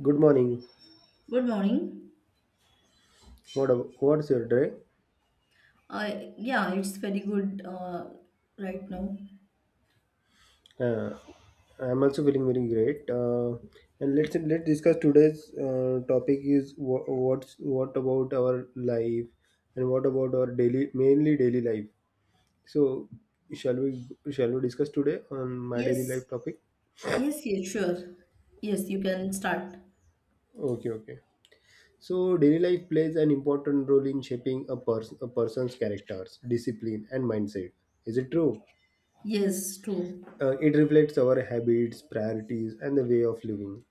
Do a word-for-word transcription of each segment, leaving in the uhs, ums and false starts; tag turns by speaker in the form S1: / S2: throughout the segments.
S1: Good morning.
S2: Good morning.
S1: What a- what's your day?
S2: Uh, yeah, it's very good uh, right now.
S1: Uh, I'm also feeling very great. Uh, and let's let's discuss today's uh, topic is wha- what's what about our life and what about our daily mainly daily life. So shall we shall we discuss today on my daily
S2: Yes,
S1: life topic?
S2: yes, yes, sure. Yes, you can start.
S1: Okay, okay. So daily life plays an important role in shaping a person a person's characters, discipline, and mindset. Is it true?
S2: Yes, true.
S1: Uh, it reflects our habits, priorities, and the way of living.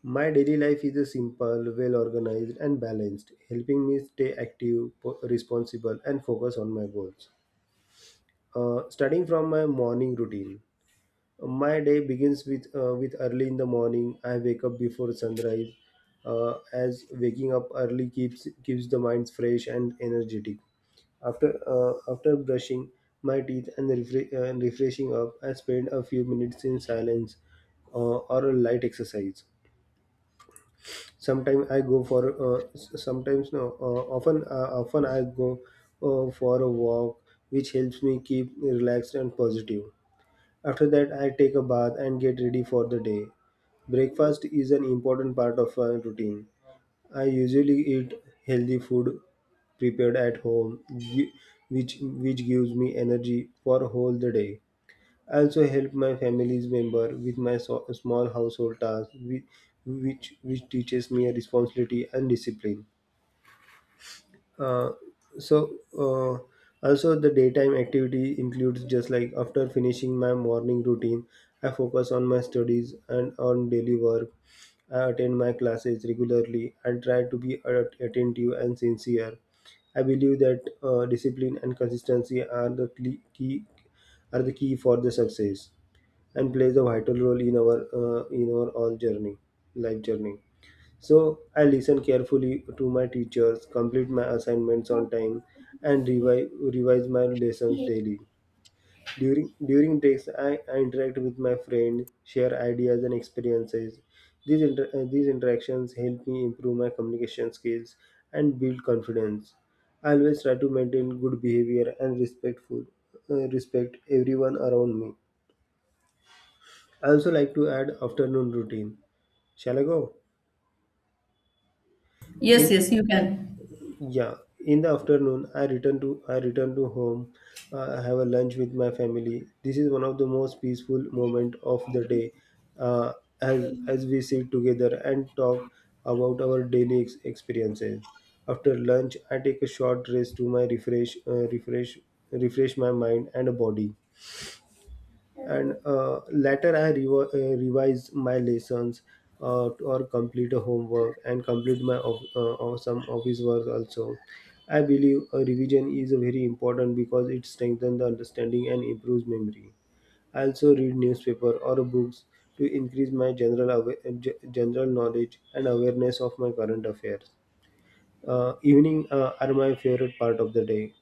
S1: My daily life is a simple, well organized, and balanced, helping me stay active, po- responsible, and focus on my goals. Uh, starting from my morning routine, my day begins with uh, with early in the morning. I wake up before sunrise, uh, as waking up early keeps keeps the mind fresh and energetic. After uh, after brushing my teeth and refre- uh, refreshing up, I spend a few minutes in silence uh, or a light exercise. Sometimes I go for uh, s- sometimes no uh, often uh, often I go uh, for a walk, which helps me keep relaxed and positive. After that, I take a bath and get ready for the day. Breakfast is an important part of my routine. I usually eat healthy food prepared at home, y- which which gives me energy for whole the day. I also help my family's member with my so- small household tasks, which, which which teaches me a responsibility and discipline. Uh, so uh, Also the daytime activity includes just like after finishing my morning routine, I focus on my studies and on daily work. I attend my classes regularly and try to be at- attentive and sincere. I believe that uh, discipline and consistency are the cle- key are the key for the success and plays a vital role in our uh, in our all journey, life journey. So I listened carefully to my teachers, complete my assignments on time, and revise, revise my lessons daily. During during breaks, I, I interact with my friend, share ideas and experiences. These inter- uh, these interactions help me improve my communication skills and build confidence. I always try to maintain good behavior and respectful uh, respect everyone around me. I also like to add afternoon routine. Shall I go?
S2: Yes,
S1: In
S2: yes, you can.
S1: Yeah, in the afternoon, I return to I return to home. Uh, I have a lunch with my family. This is one of the most peaceful moment of the day, uh, as as we sit together and talk about our daily ex- experiences. After lunch, I take a short rest to my refresh uh, refresh refresh my mind and body and uh, later I revi- uh, revised my lessons uh, or complete a homework and complete my of, uh, or some office work also. I believe a revision is very important because it strengthens the understanding and improves memory. I also read newspaper or books to increase my general awa- uh, ge- general knowledge and awareness of my current affairs. Uh, evening uh, are my favorite part of the day.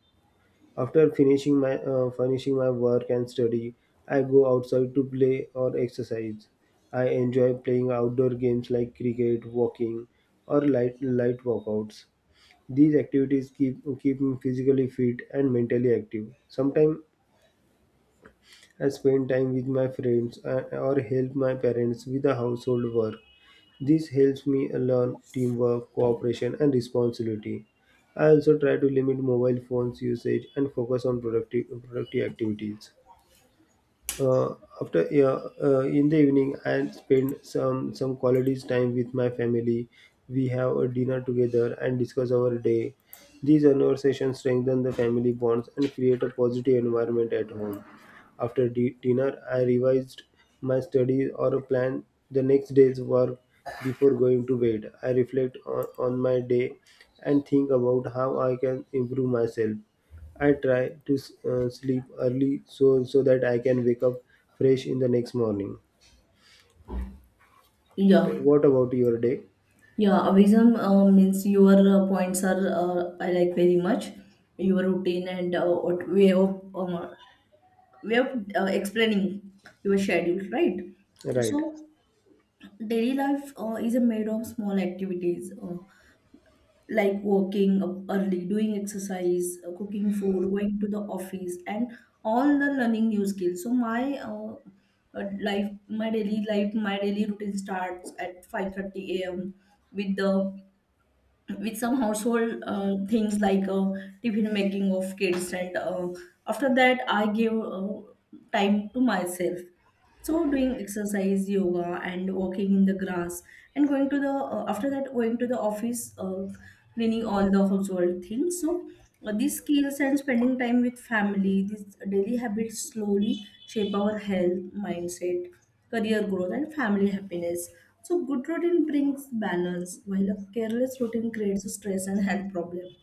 S1: After finishing my uh, finishing my work and study, I go outside to play or exercise. I enjoy playing outdoor games like cricket, walking, or light light workouts. These activities keep keep me physically fit and mentally active. Sometimes I spend time with my friends uh, or help my parents with the household work. This helps me learn teamwork, cooperation, and responsibility. I also try to limit mobile phones usage and focus on productive, productive activities. Uh, after yeah, uh, in the evening I spend some some quality time with my family. We have a dinner together and discuss our day. These conversations strengthen the family bonds and create a positive environment at home. After di- dinner I revised my studies or plan the next day's work. Before going to bed I reflect on, on my day and think about how I can improve myself. I try to uh, sleep early so so that I can wake up fresh in the next morning. So
S2: Yeah,
S1: what about your day?
S2: yeah. Avism uh, means your uh, points are uh, I like very much. Your routine and uh, what way of um, way of uh, explaining your schedule, right?
S1: Right.
S2: So daily life uh, is a made of small activities. Uh, like working up early, doing exercise, uh, cooking food, going to the office, and all the learning new skills. So my uh, uh, life, my daily life, my daily routine starts at five thirty a m with the with some household uh, things like uh, tiffin making of kids, and uh, after that I give uh, time to myself, so doing exercise, yoga, and walking in the grass, and going to the uh, after that going to the office, uh, cleaning all the household things. So uh, these skills and spending time with family, these daily habits slowly shape our health, mindset, career growth, and family happiness. So good routine brings balance, while a careless routine creates stress and health problem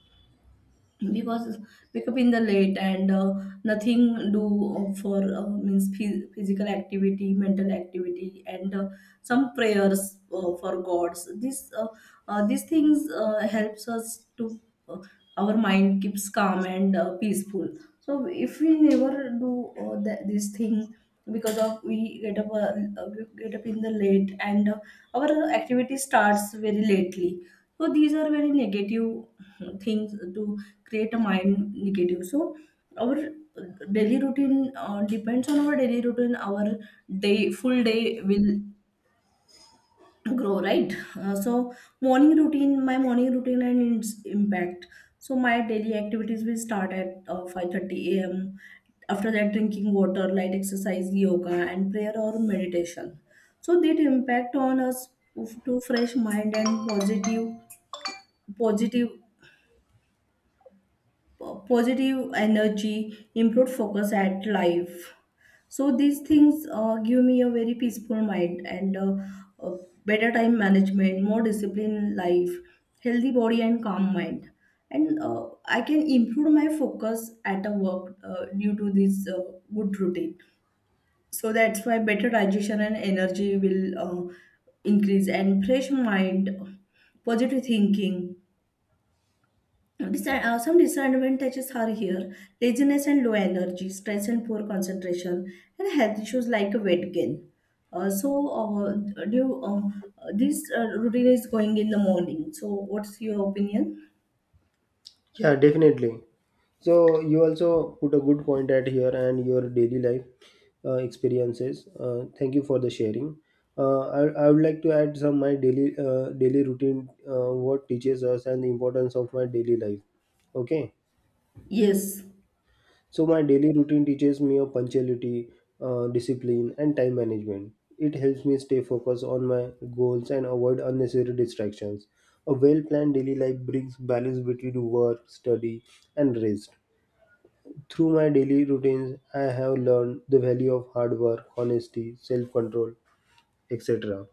S2: because wake up in the late, and uh, nothing do for uh, means phy- physical activity, mental activity, and uh, some prayers uh, for gods. This uh, uh, These things uh, helps us to, uh, our mind keeps calm and uh, peaceful. So if we never do uh, that, this thing, because of we get up, uh, uh, get up in the late, and uh, our activity starts very lately, so these are very negative things to create a mind negative. So our daily routine uh, depends on our daily routine, our day, full day will grow, right? Uh, so morning routine, my morning routine and its impact. So my daily activities will start at uh, five thirty a m, after that drinking water, light exercise, yoga, and prayer or meditation. So that impact on us to fresh mind and positive positive po- positive energy, improved focus at life. So these things uh, give me a very peaceful mind and uh, uh, better time management, more discipline in life, healthy body, and calm mind. And uh, I can improve my focus at a work uh, due to this uh, good routine. So that's why better digestion and energy will uh, increase, and fresh mind, positive thinking. Dis- uh, some disadvantages are here: laziness and low energy, stress and poor concentration, and health issues like weight gain. Uh, so, uh, do you, uh, this uh, routine is going in the morning. So, what's your opinion?
S1: Yeah, definitely. So you also put a good point at here and your daily life uh, experiences. Uh, thank you for the sharing. Uh, I, I would like to add some my daily uh, daily routine uh, what teaches us and the importance of my daily life. Okay.
S2: Yes,
S1: So my daily routine teaches me of punctuality, uh, discipline, and time management. It helps me stay focused on my goals and avoid unnecessary distractions. A well-planned daily life brings balance between work, study, and rest. Through my daily routines, I have learned the value of hard work, honesty, self-control, et cetera.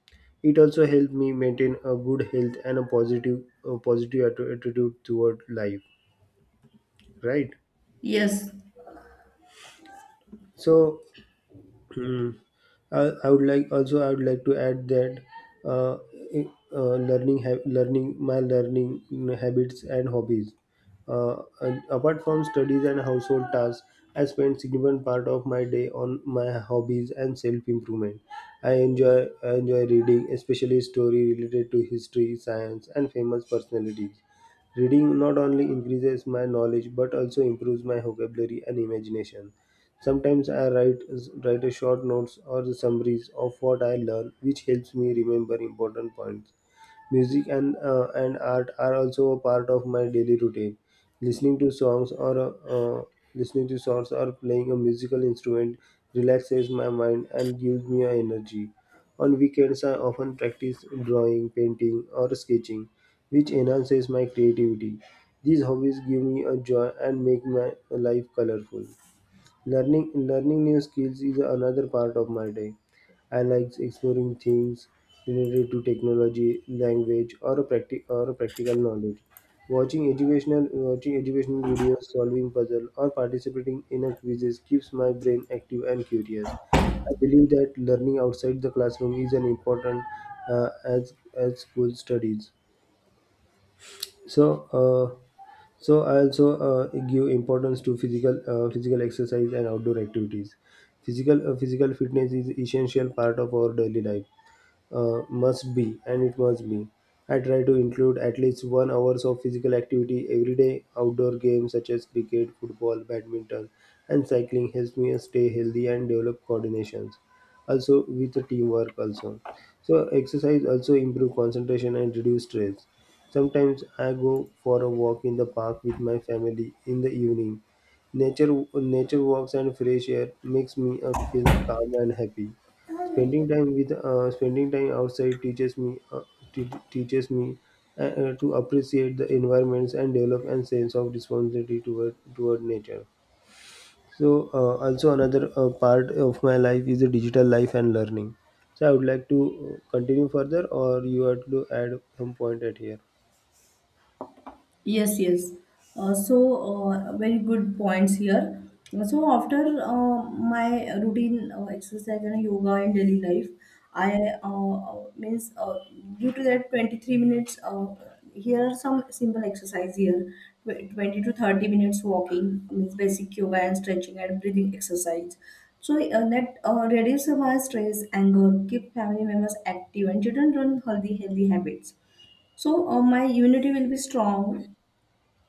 S1: It also helped me maintain a good health and a positive, a positive atti- attitude toward life. Right.
S2: yes.
S1: So uh, i would like also I would like to add that uh, I- uh, learning ha- learning my learning habits and hobbies uh, and apart from studies and household tasks I spend significant part of my day on my hobbies and self improvement. i enjoy I enjoy reading especially story related to history science and famous personalities. Reading not only increases my knowledge but also improves my vocabulary and imagination. Sometimes I write write a short notes or the summaries of what I learn, which helps me remember important points. Music and uh, and art are also a part of my daily routine. Listening to songs or uh, uh, Listening to songs or playing a musical instrument relaxes my mind and gives me energy. On weekends, I often practice drawing, painting, or sketching, which enhances my creativity. These hobbies give me a joy and make my life colorful. Learning learning new skills is another part of my day. I like exploring things related to technology, language, or a practi- or a practical knowledge. Watching educational watching educational videos, solving puzzles, or participating in a quizzes keeps my brain active and curious. I believe that learning outside the classroom is an important uh, as as school studies. So. Uh, so I also uh, give importance to physical uh, physical exercise and outdoor activities. Physical uh, physical fitness is essential part of our daily life, uh, must be and it must be. I try to include at least one hour of physical activity every day. Outdoor games such as cricket, football, badminton, and cycling helps me stay healthy and develop coordinations, also with the teamwork also. So exercise also improve concentration and reduce stress. Sometimes I go for a walk in the park with my family in the evening. Nature nature walks and fresh air makes me uh, feel calm and happy. Spending time with uh, spending time outside teaches me uh, te- teaches me uh, uh, to appreciate the environments and develop a sense of responsibility toward toward nature. So uh, also another uh, part of my life is the digital life and learning. So I would like to uh, continue further, or you had to add some point at here.
S2: Yes, yes. Uh, so, uh, very good points here. So, after uh, my routine, uh, exercise and yoga in daily life, I uh, uh, means uh, due to that twenty-three minutes, uh, here are some simple exercise here: Tw- twenty to thirty minutes walking, means basic yoga and stretching and breathing exercise. So, uh, that uh, reduces my stress, anger, keep family members active, and children learn healthy, healthy habits. So uh, my immunity will be strong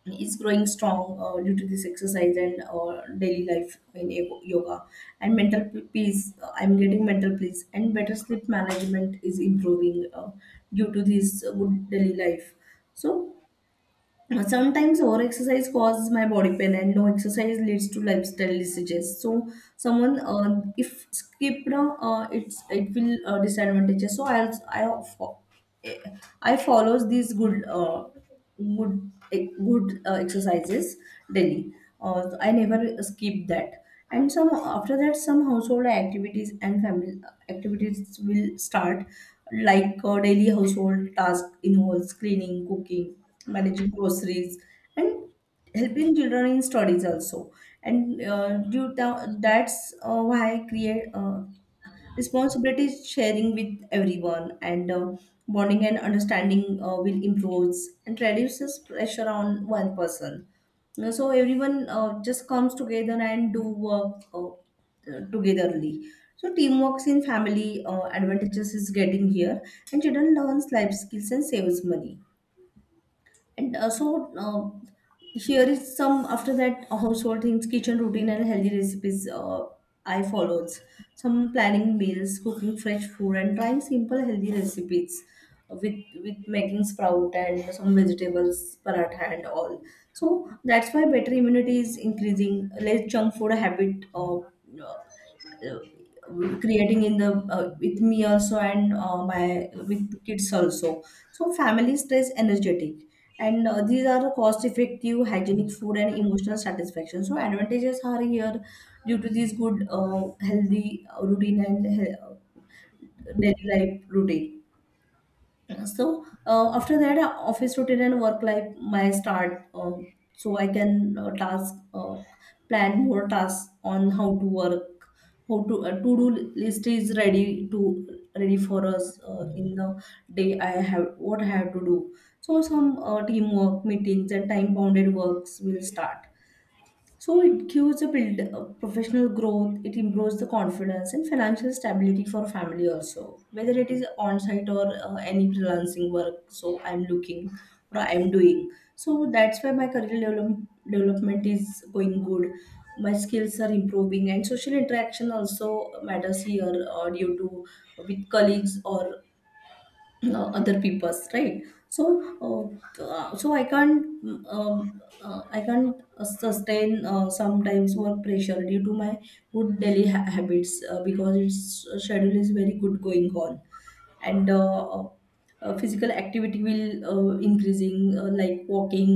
S2: is growing strong uh, due to this exercise and uh, daily life in yo- yoga, and mental p- peace, uh, I'm getting mental peace, and better sleep management is improving uh, due to this uh, good daily life. so uh, Sometimes over exercise causes my body pain, and no exercise leads to lifestyle diseases. So, someone uh, if skipped, uh, it's it will uh, disadvantages. So I I fo- eh, I follows these good uh, good eh, good uh, exercises daily. Uh, I never skip that. And some after that, some household activities and family uh, activities will start, like uh, daily household task involves cleaning, cooking, managing groceries, and helping children in studies also. And uh, due to, that's uh, why I create uh, responsibility is sharing with everyone, and uh, bonding and understanding uh, will improve and reduces pressure on one person. Uh, so everyone uh, just comes together and do work, uh, uh, togetherly. So teamwork in family uh, advantages is getting here, and children learns life skills and saves money. And uh, so um, Here is some after that household things, kitchen routine, and healthy recipes uh, I followed. Some planning meals, cooking fresh food, and trying simple healthy recipes, with with making sprout and some vegetables paratha and all. So that's why better immunity is increasing. Less junk food habit. Uh, uh, uh, Creating in the uh, with me also, and uh, my with kids also. So family stays energetic, and uh, these are cost effective, hygienic food, and emotional satisfaction. So advantages are here due to these good uh, healthy uh, routine and he- daily life routine. Yeah, so uh, after that uh, office routine and work life my start. Um, so I can uh, task uh, plan more tasks on how to work, how to uh, to do list is ready to ready for us uh, in the day, I have what I have to do. So some uh, teamwork meetings and time bounded works will start. So it gives a build uh, professional growth, it improves the confidence and financial stability for family also. Whether it is on-site or uh, any freelancing work, so I'm looking or I'm doing. So that's why my career develop- development is going good. My skills are improving, and social interaction also matters here uh, due to uh, with colleagues or uh, other people's, right? So uh, uh, so I can't mm, um, uh, i can't uh, sustain uh, sometimes work pressure due to my good daily ha- habits, uh, because its uh, schedule is very good going on. And uh, uh, Physical activity will uh, increasing, uh, like walking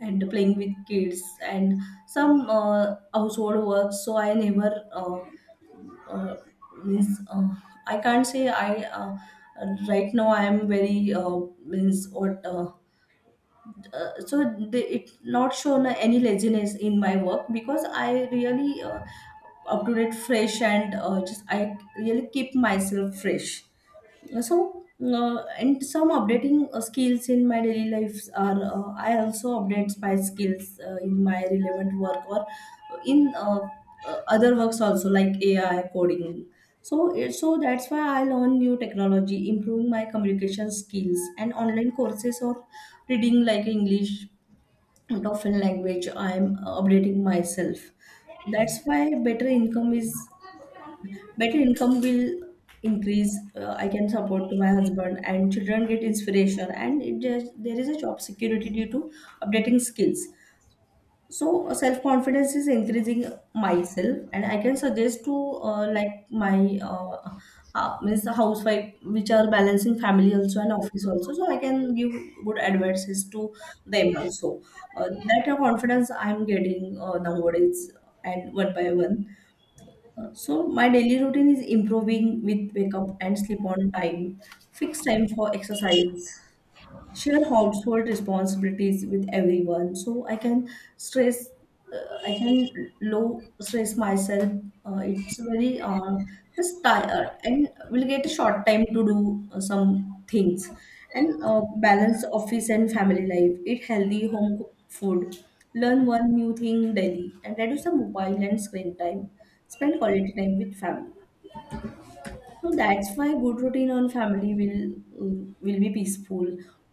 S2: and playing with kids and some uh, household work. So I never uh, uh, means uh, I can't say I uh, right now I am very, uh, means what uh, uh, so they, it not shown any laziness in my work because I really uh, up to date, fresh, and uh, just I really keep myself fresh. So uh, and some updating uh, skills in my daily lives are, uh, I also update my skills uh, in my relevant work or in uh, uh, other works also, like AI coding. So it, so that's why I learn new technology, improving my communication skills and online courses or reading like English, and often language I'm updating myself. That's why better income is better income will increase. uh, I can support to my husband, and children get inspiration, and it just, there is a job security due to updating skills. So uh, self confidence is increasing myself, and I can suggest to uh, like my uh, uh, means the housewife which are balancing family also and office also. So I can give good advices to them also. Uh, that confidence I'm getting uh, nowadays, and one by one. So my daily routine is improving with wake up and sleep on time, fixed time for exercise, share household responsibilities with everyone, so I can stress uh, i can low stress myself. Uh, it's very uh, it's tired, and we'll get a short time to do uh, some things. And uh, balance office and family life, eat healthy home cooked food, learn one new thing daily, and reduce the mobile and screen time, spend quality time with family. So that's why good routine on family will mm, will be peaceful.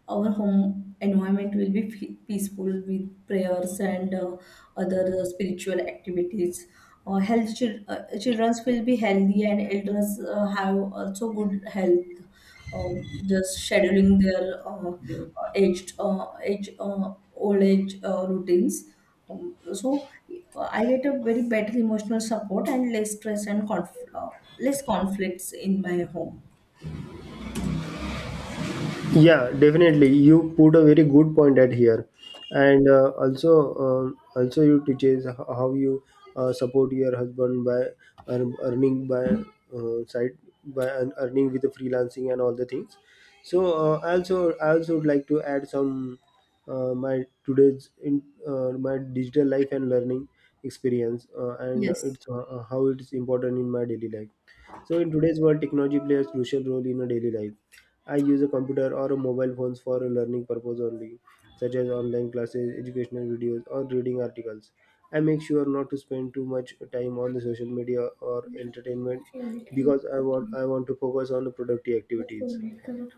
S2: Our home environment will be fe- peaceful with prayers and uh, other uh, spiritual activities. Uh, health chil- uh, childrens will be healthy, and elders uh, have also good health. Uh, just scheduling their uh, uh, aged uh, age uh, old age uh, routines. Um, so I get a very better emotional support, and less stress, and conf- uh, less conflicts in my home.
S1: Yeah, definitely. You put a very good point at here, and uh, also um also you teaches h- how you uh, support your husband by earn, earning by uh, side by earn- earning with the freelancing and all the things. So uh, also I also would like to add some uh, my today's in uh, my digital life and learning experience uh, and
S2: Yes.
S1: it's uh, how it's important in my daily life. So in today's world, technology plays a crucial role in a daily life. I use a computer or a mobile phones for a learning purpose only, such as online classes, educational videos, or reading articles. I make sure not to spend too much time on the social media or entertainment because I want I want to focus on the productive activities.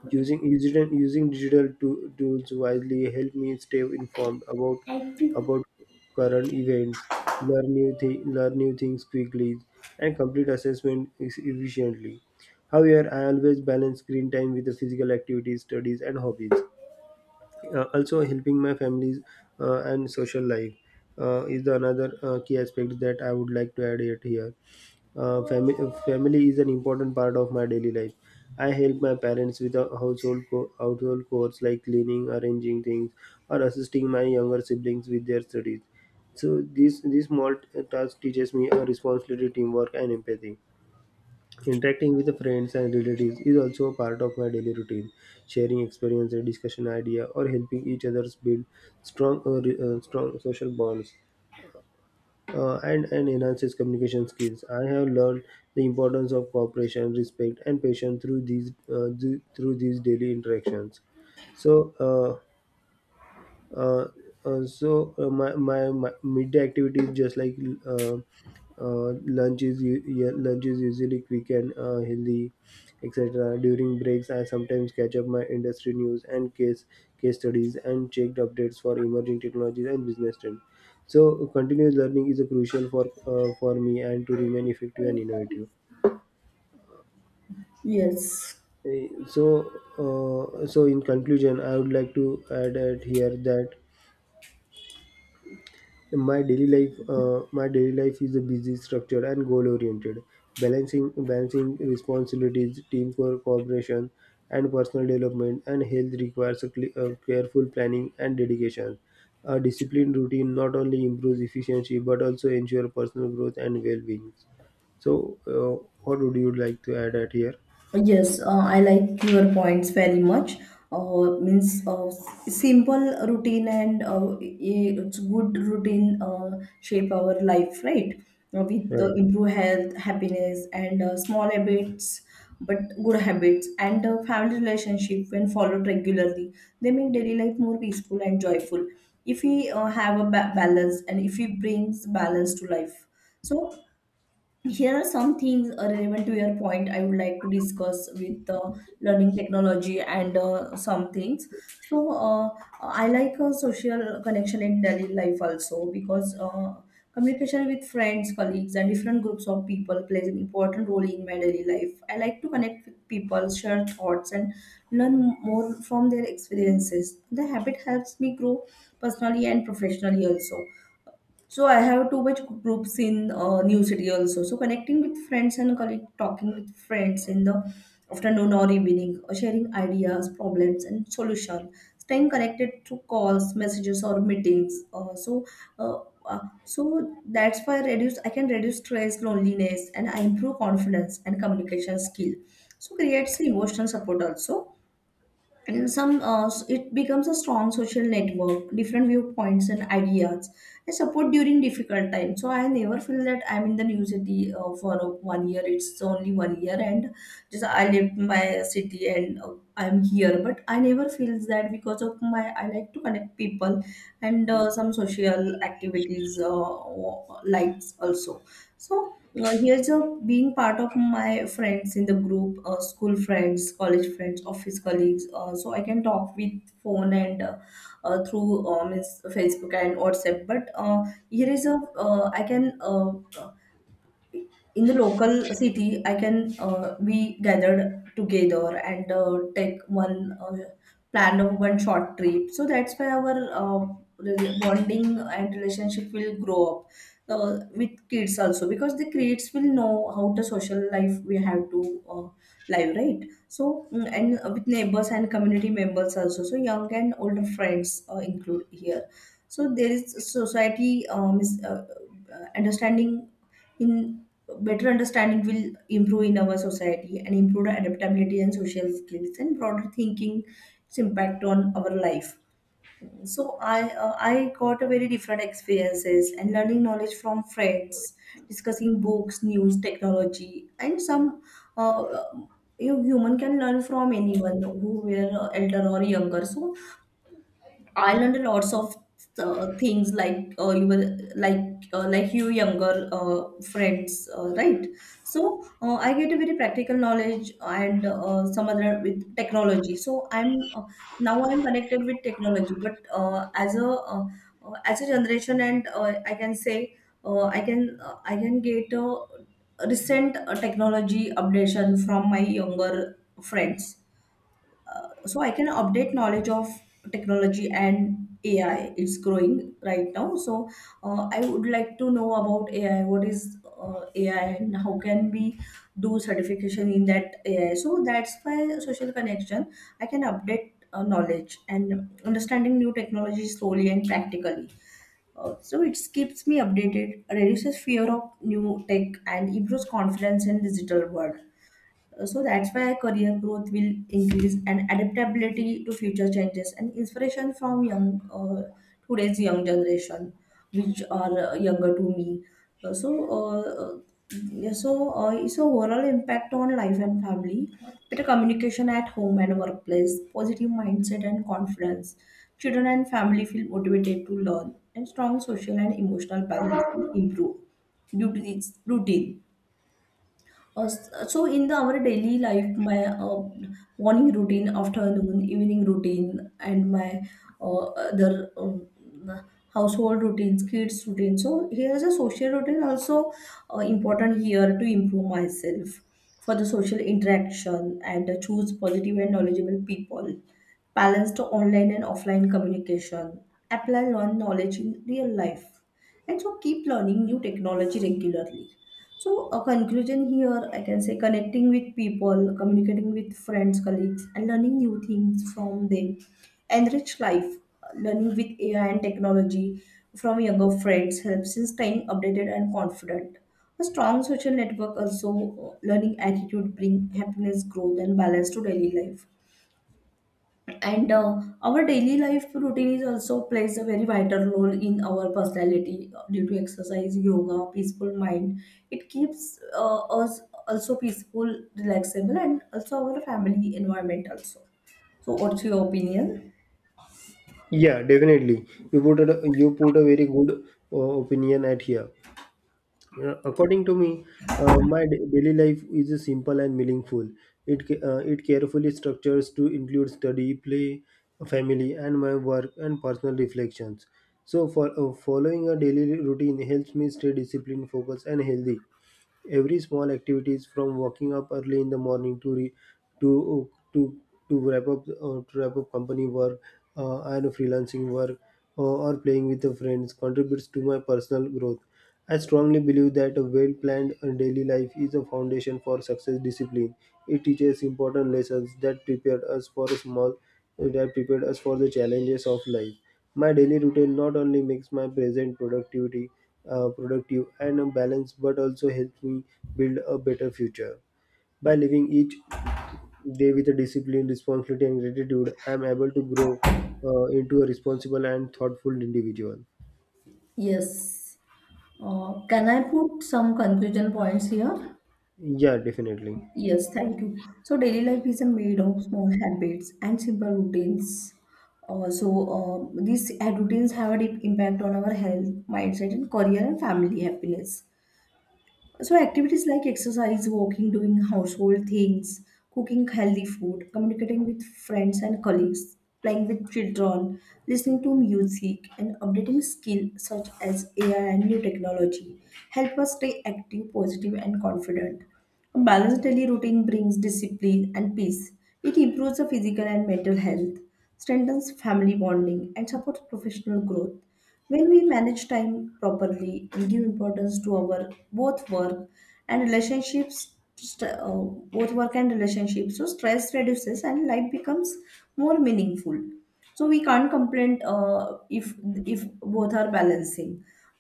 S1: Using using using digital to, tools wisely help me stay informed about about current events, learn new thi- learn new things quickly, and complete assessment ex- efficiently. However, I always balance screen time with the physical activities, studies, and hobbies. Uh, also, helping my families uh, and social life uh, is the another uh, key aspect that I would like to add it here. Uh, family, Family is an important part of my daily life. I help my parents with uh, household co- household chores like cleaning, arranging things, or assisting my younger siblings with their studies. So this this small t- task teaches me a responsibility, teamwork, and empathy. Interacting with the friends and relatives is also a part of my daily routine. Sharing experience, and discussion idea, or helping each other build strong uh, re- uh, strong social bonds uh, and, and enhances communication skills. I have learned the importance of cooperation, respect, and patience through these uh, th- through these daily interactions. So, uh, uh, uh, so uh, my, my my midday activities just like uh, uh, lunch is u- yeah, lunch is usually quick and uh, healthy etc. During breaks I sometimes catch up my industry news and case case studies and checked updates for emerging technologies and business trends. So continuous learning is a crucial for uh, for me and to remain effective and innovative.
S2: Yes,
S1: Eh, so uh, so in conclusion I would like to add at here that my daily life uh, my daily life is a busy structured and goal oriented, balancing balancing responsibilities, teamwork, cooperation, and personal development, and health requires a cle- uh, careful planning and dedication. A disciplined routine not only improves efficiency but also ensures personal growth and well-being. So uh, what would you like to add at here?
S2: yes, uh, I like your points very much. Uh, means uh, s- simple routine, and uh, i- it's good routine uh, shape our life, right? Uh, with uh,
S1: Right.
S2: improve health, happiness, and uh, small habits, but good habits, and uh, family relationship, when followed regularly, they make daily life more peaceful and joyful. If we uh, have a ba balance, and if we brings balance to life, so here are some things uh, relevant to your point I would like to discuss with uh, learning technology and uh, some things. So, uh, I like uh, social connection in daily life also because uh, communication with friends, colleagues, and different groups of people plays an important role in my daily life. I like to connect with people, share thoughts, and learn more from their experiences. The habit helps me grow personally and professionally also. So I have too much groups in uh, new city also. So connecting with friends and colleagues, talking with friends in the afternoon or evening, or sharing ideas, problems, and solution. Staying connected through calls, messages, or meetings. Uh, so, uh, uh, so that's why reduce. I can reduce stress, loneliness, and I improve confidence and communication skill. So creates emotional support also and some uh, it becomes a strong social network, different viewpoints and ideas and support during difficult times. So I never feel that I'm in the new city uh, for uh, one year. It's only one year and just I left my city and uh, I'm here, but I never feel that because of my, I like to connect people and uh, some social activities uh, likes also. So uh, here's a being part of my friends in the group, uh, school friends, college friends, office colleagues. Uh, so I can talk with phone and uh, uh, through um, is Facebook and WhatsApp. But uh, here is a, uh, I can, uh, in the local city I can, uh, we gathered together and uh, take one, uh, plan of one short trip. So that's why our, uh, re- bonding and relationship will grow up uh, with kids also, because the kids will know how the social life we have to uh, live, right? So mm, and with neighbors and community members also, so young and older friends uh, include here. So there is society, um, is, uh, uh, understanding in, better understanding will improve in our society and improve the adaptability and social skills and broader thinking, its impact on our life. So I uh, I got a very different experiences and learning knowledge from friends, discussing books, news, technology, and some uh, you human can learn from anyone who were elder or younger. So I learned a lots of uh, things like, uh, you were like uh, like you younger uh, friends, uh, right? So uh, I get a very practical knowledge and uh, some other with technology. So I'm uh, now I'm connected with technology, but uh, as a uh, uh, as a generation, and uh, I can say, uh, I can uh, I can get a recent uh, technology updation from my younger friends, uh, so I can update knowledge of technology and A I. It's growing right now. So uh, I would like to know about A I. What is uh, A I, and how can we do certification in that A I? So that's why social connection, I can update uh, knowledge and understanding new technology slowly and practically. Uh, so it keeps me updated, reduces fear of new tech, and improves confidence in digital world. Uh, So that's why career growth will increase and adaptability to future changes and inspiration from young, uh, today's young generation, which are uh, younger to me. Uh, so uh, yeah, so uh, its a overall impact on life and family, better communication at home and workplace, positive mindset and confidence. Children and family feel motivated to learn, and strong social and emotional balance will improve due to its routine. Uh, so in the our daily life, my uh, morning routine, afternoon, evening routine, and my uh, other um, household routines, kids routine. So here is a social routine also, uh, important here to improve myself for the social interaction, and choose positive and knowledgeable people, balance the online and offline communication, apply learned knowledge in real life, and so keep learning new technology regularly. So, a conclusion here, I can say connecting with people, communicating with friends, colleagues, and learning new things from them. Enrich life, learning with A I and technology from younger friends helps in staying updated and confident. A strong social network also, uh, learning attitude bring happiness, growth, and balance to daily life. And uh, our daily life routine is also plays a very vital role in our personality uh, due to exercise, yoga, peaceful mind, it keeps uh, us also peaceful, relaxable, and also our family environment also. So what's your opinion?
S1: Yeah, definitely. You put a, you put a very good uh, opinion at here. Uh, According to me, uh, my da- daily life is simple and meaningful. It ca- uh, it carefully structures to include study, play, family, and my work and personal reflections. So, for uh, following a daily routine helps me stay disciplined, focused, and healthy. Every small activities from waking up early in the morning to re, to to to wrap up uh, to wrap up company work uh, and freelancing work, uh, or playing with the friends contributes to my personal growth. I strongly believe that a well-planned uh, daily life is a foundation for success discipline. It teaches important lessons that prepared us for a small that prepared us for the challenges of life. My daily routine not only makes my present productivity uh, productive and a balance, but also helps me build a better future. By living each day with a discipline, responsibility, and gratitude, I am able to grow uh, into a responsible and thoughtful individual.
S2: Yes, uh, can I put some conclusion points here?
S1: Yeah, definitely.
S2: Yes, thank you. So daily life is a made of small habits and simple routines. Uh, so uh, these uh, routines have a deep impact on our health, mindset, and career and family happiness. So activities like exercise, walking, doing household things, cooking healthy food, communicating with friends and colleagues, playing with children, listening to music, and updating skills such as A I and new technology help us stay active, positive, and confident. A balanced daily routine brings discipline and peace. It improves the physical and mental health, strengthens family bonding, and supports professional growth. When we manage time properly and give importance to our both work and relationships, st- uh, both work and relationships, so stress reduces and life becomes more meaningful. So we can't complain uh, if if both are balancing.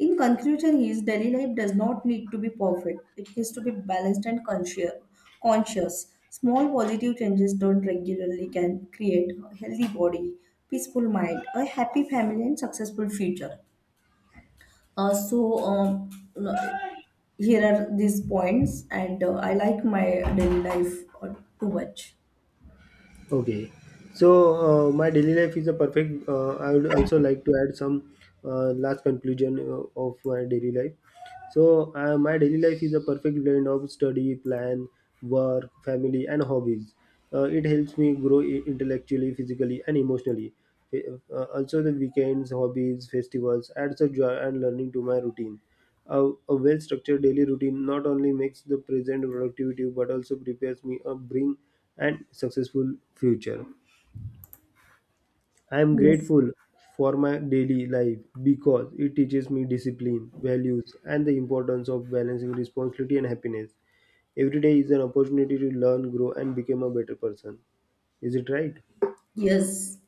S2: In conclusion, his daily life does not need to be perfect. It needs to be balanced and conscious. Conscious. Small positive changes done regularly can create a healthy body, peaceful mind, a happy family, and successful future. Uh, so um, no- here are these points, and uh, I like my daily life uh, too much.
S1: Okay. So, uh, my daily life is a perfect. Uh, I would also like to add some uh, last conclusion uh, of my daily life. So, uh, my daily life is a perfect blend of study, plan, work, family, and hobbies. Uh, it helps me grow i- intellectually, physically, and emotionally. Uh, also, the weekends, hobbies, festivals adds a joy and learning to my routine. A, a well structured daily routine not only makes the present productivity but also prepares me a bring and successful future. I am
S2: Yes.
S1: grateful for my daily life because it teaches me discipline, values, and the importance of balancing responsibility and happiness. Every day is an opportunity to learn, grow, and become a better person. Is it right?
S2: Yes.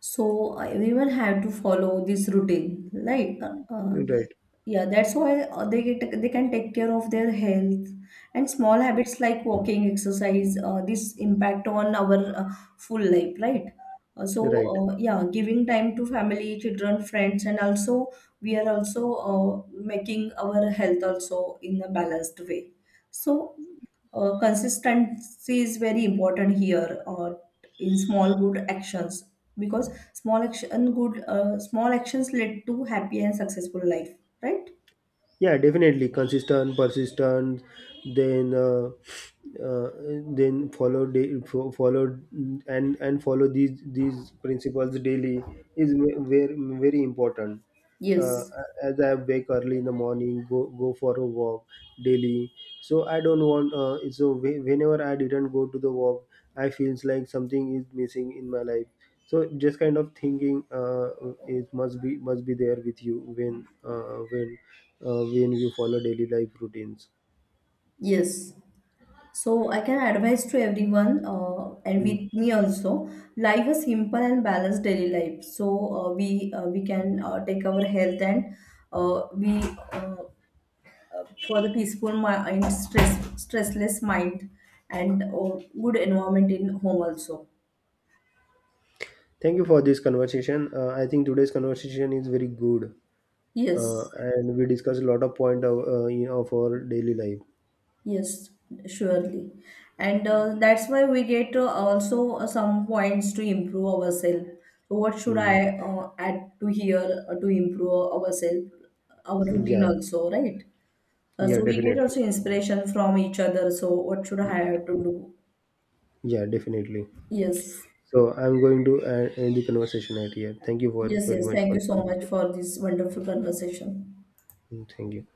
S2: So uh, everyone had to follow this routine, right? Uh, uh,
S1: Right.
S2: yeah, that's why uh, they get, they can take care of their health and small habits like walking, exercise. Uh, this impact on our uh, full life, right? Uh, so
S1: Right.
S2: uh, yeah, giving time to family, children, friends, and also we are also uh, making our health also in a balanced way. So uh, consistency is very important here, uh, in small good actions, because small action good uh, small actions lead to happy and successful life, right?
S1: Yeah, definitely. Consistent, persistent, then uh, uh, then follow da- fo- follow and and follow these these principles daily is ve- very very important. uh,
S2: Yes.
S1: as I wake early in the morning, go go for a walk daily. So I don't want, uh, so whe- whenever I didn't go to the walk, I feels like something is missing in my life. So just kind of thinking, uh, it must be must be there with you when uh, when uh, when you follow daily life routines.
S2: Yes. So I can advise to everyone, uh, and
S1: Mm.
S2: with me also, live a simple and balanced daily life. So uh, we uh, we can, uh, take our health and, uh, we uh, for the peaceful mind, stress, stressless mind, and oh, good environment in home also.
S1: Thank you for this conversation. uh, I think today's conversation is very good, uh,
S2: Yes,
S1: and we discuss a lot of point of, uh, you know, of our daily life.
S2: yes, surely, and uh, that's why we get, uh, also uh, some points to improve ourselves. So what should
S1: Mm.
S2: I uh, add to here uh, to improve ourselves, our routine
S1: Yeah.
S2: also, right? Uh,
S1: Yeah,
S2: so we get
S1: definitely.
S2: also inspiration from each other. So what should I have to do?
S1: Yeah, definitely.
S2: Yes,
S1: So I'm going to uh, end the conversation right here. Thank you for
S2: yes,
S1: very
S2: yes.
S1: much for
S2: Thank you
S1: the
S2: so much
S1: conversation.
S2: for this wonderful conversation.
S1: Mm, thank you.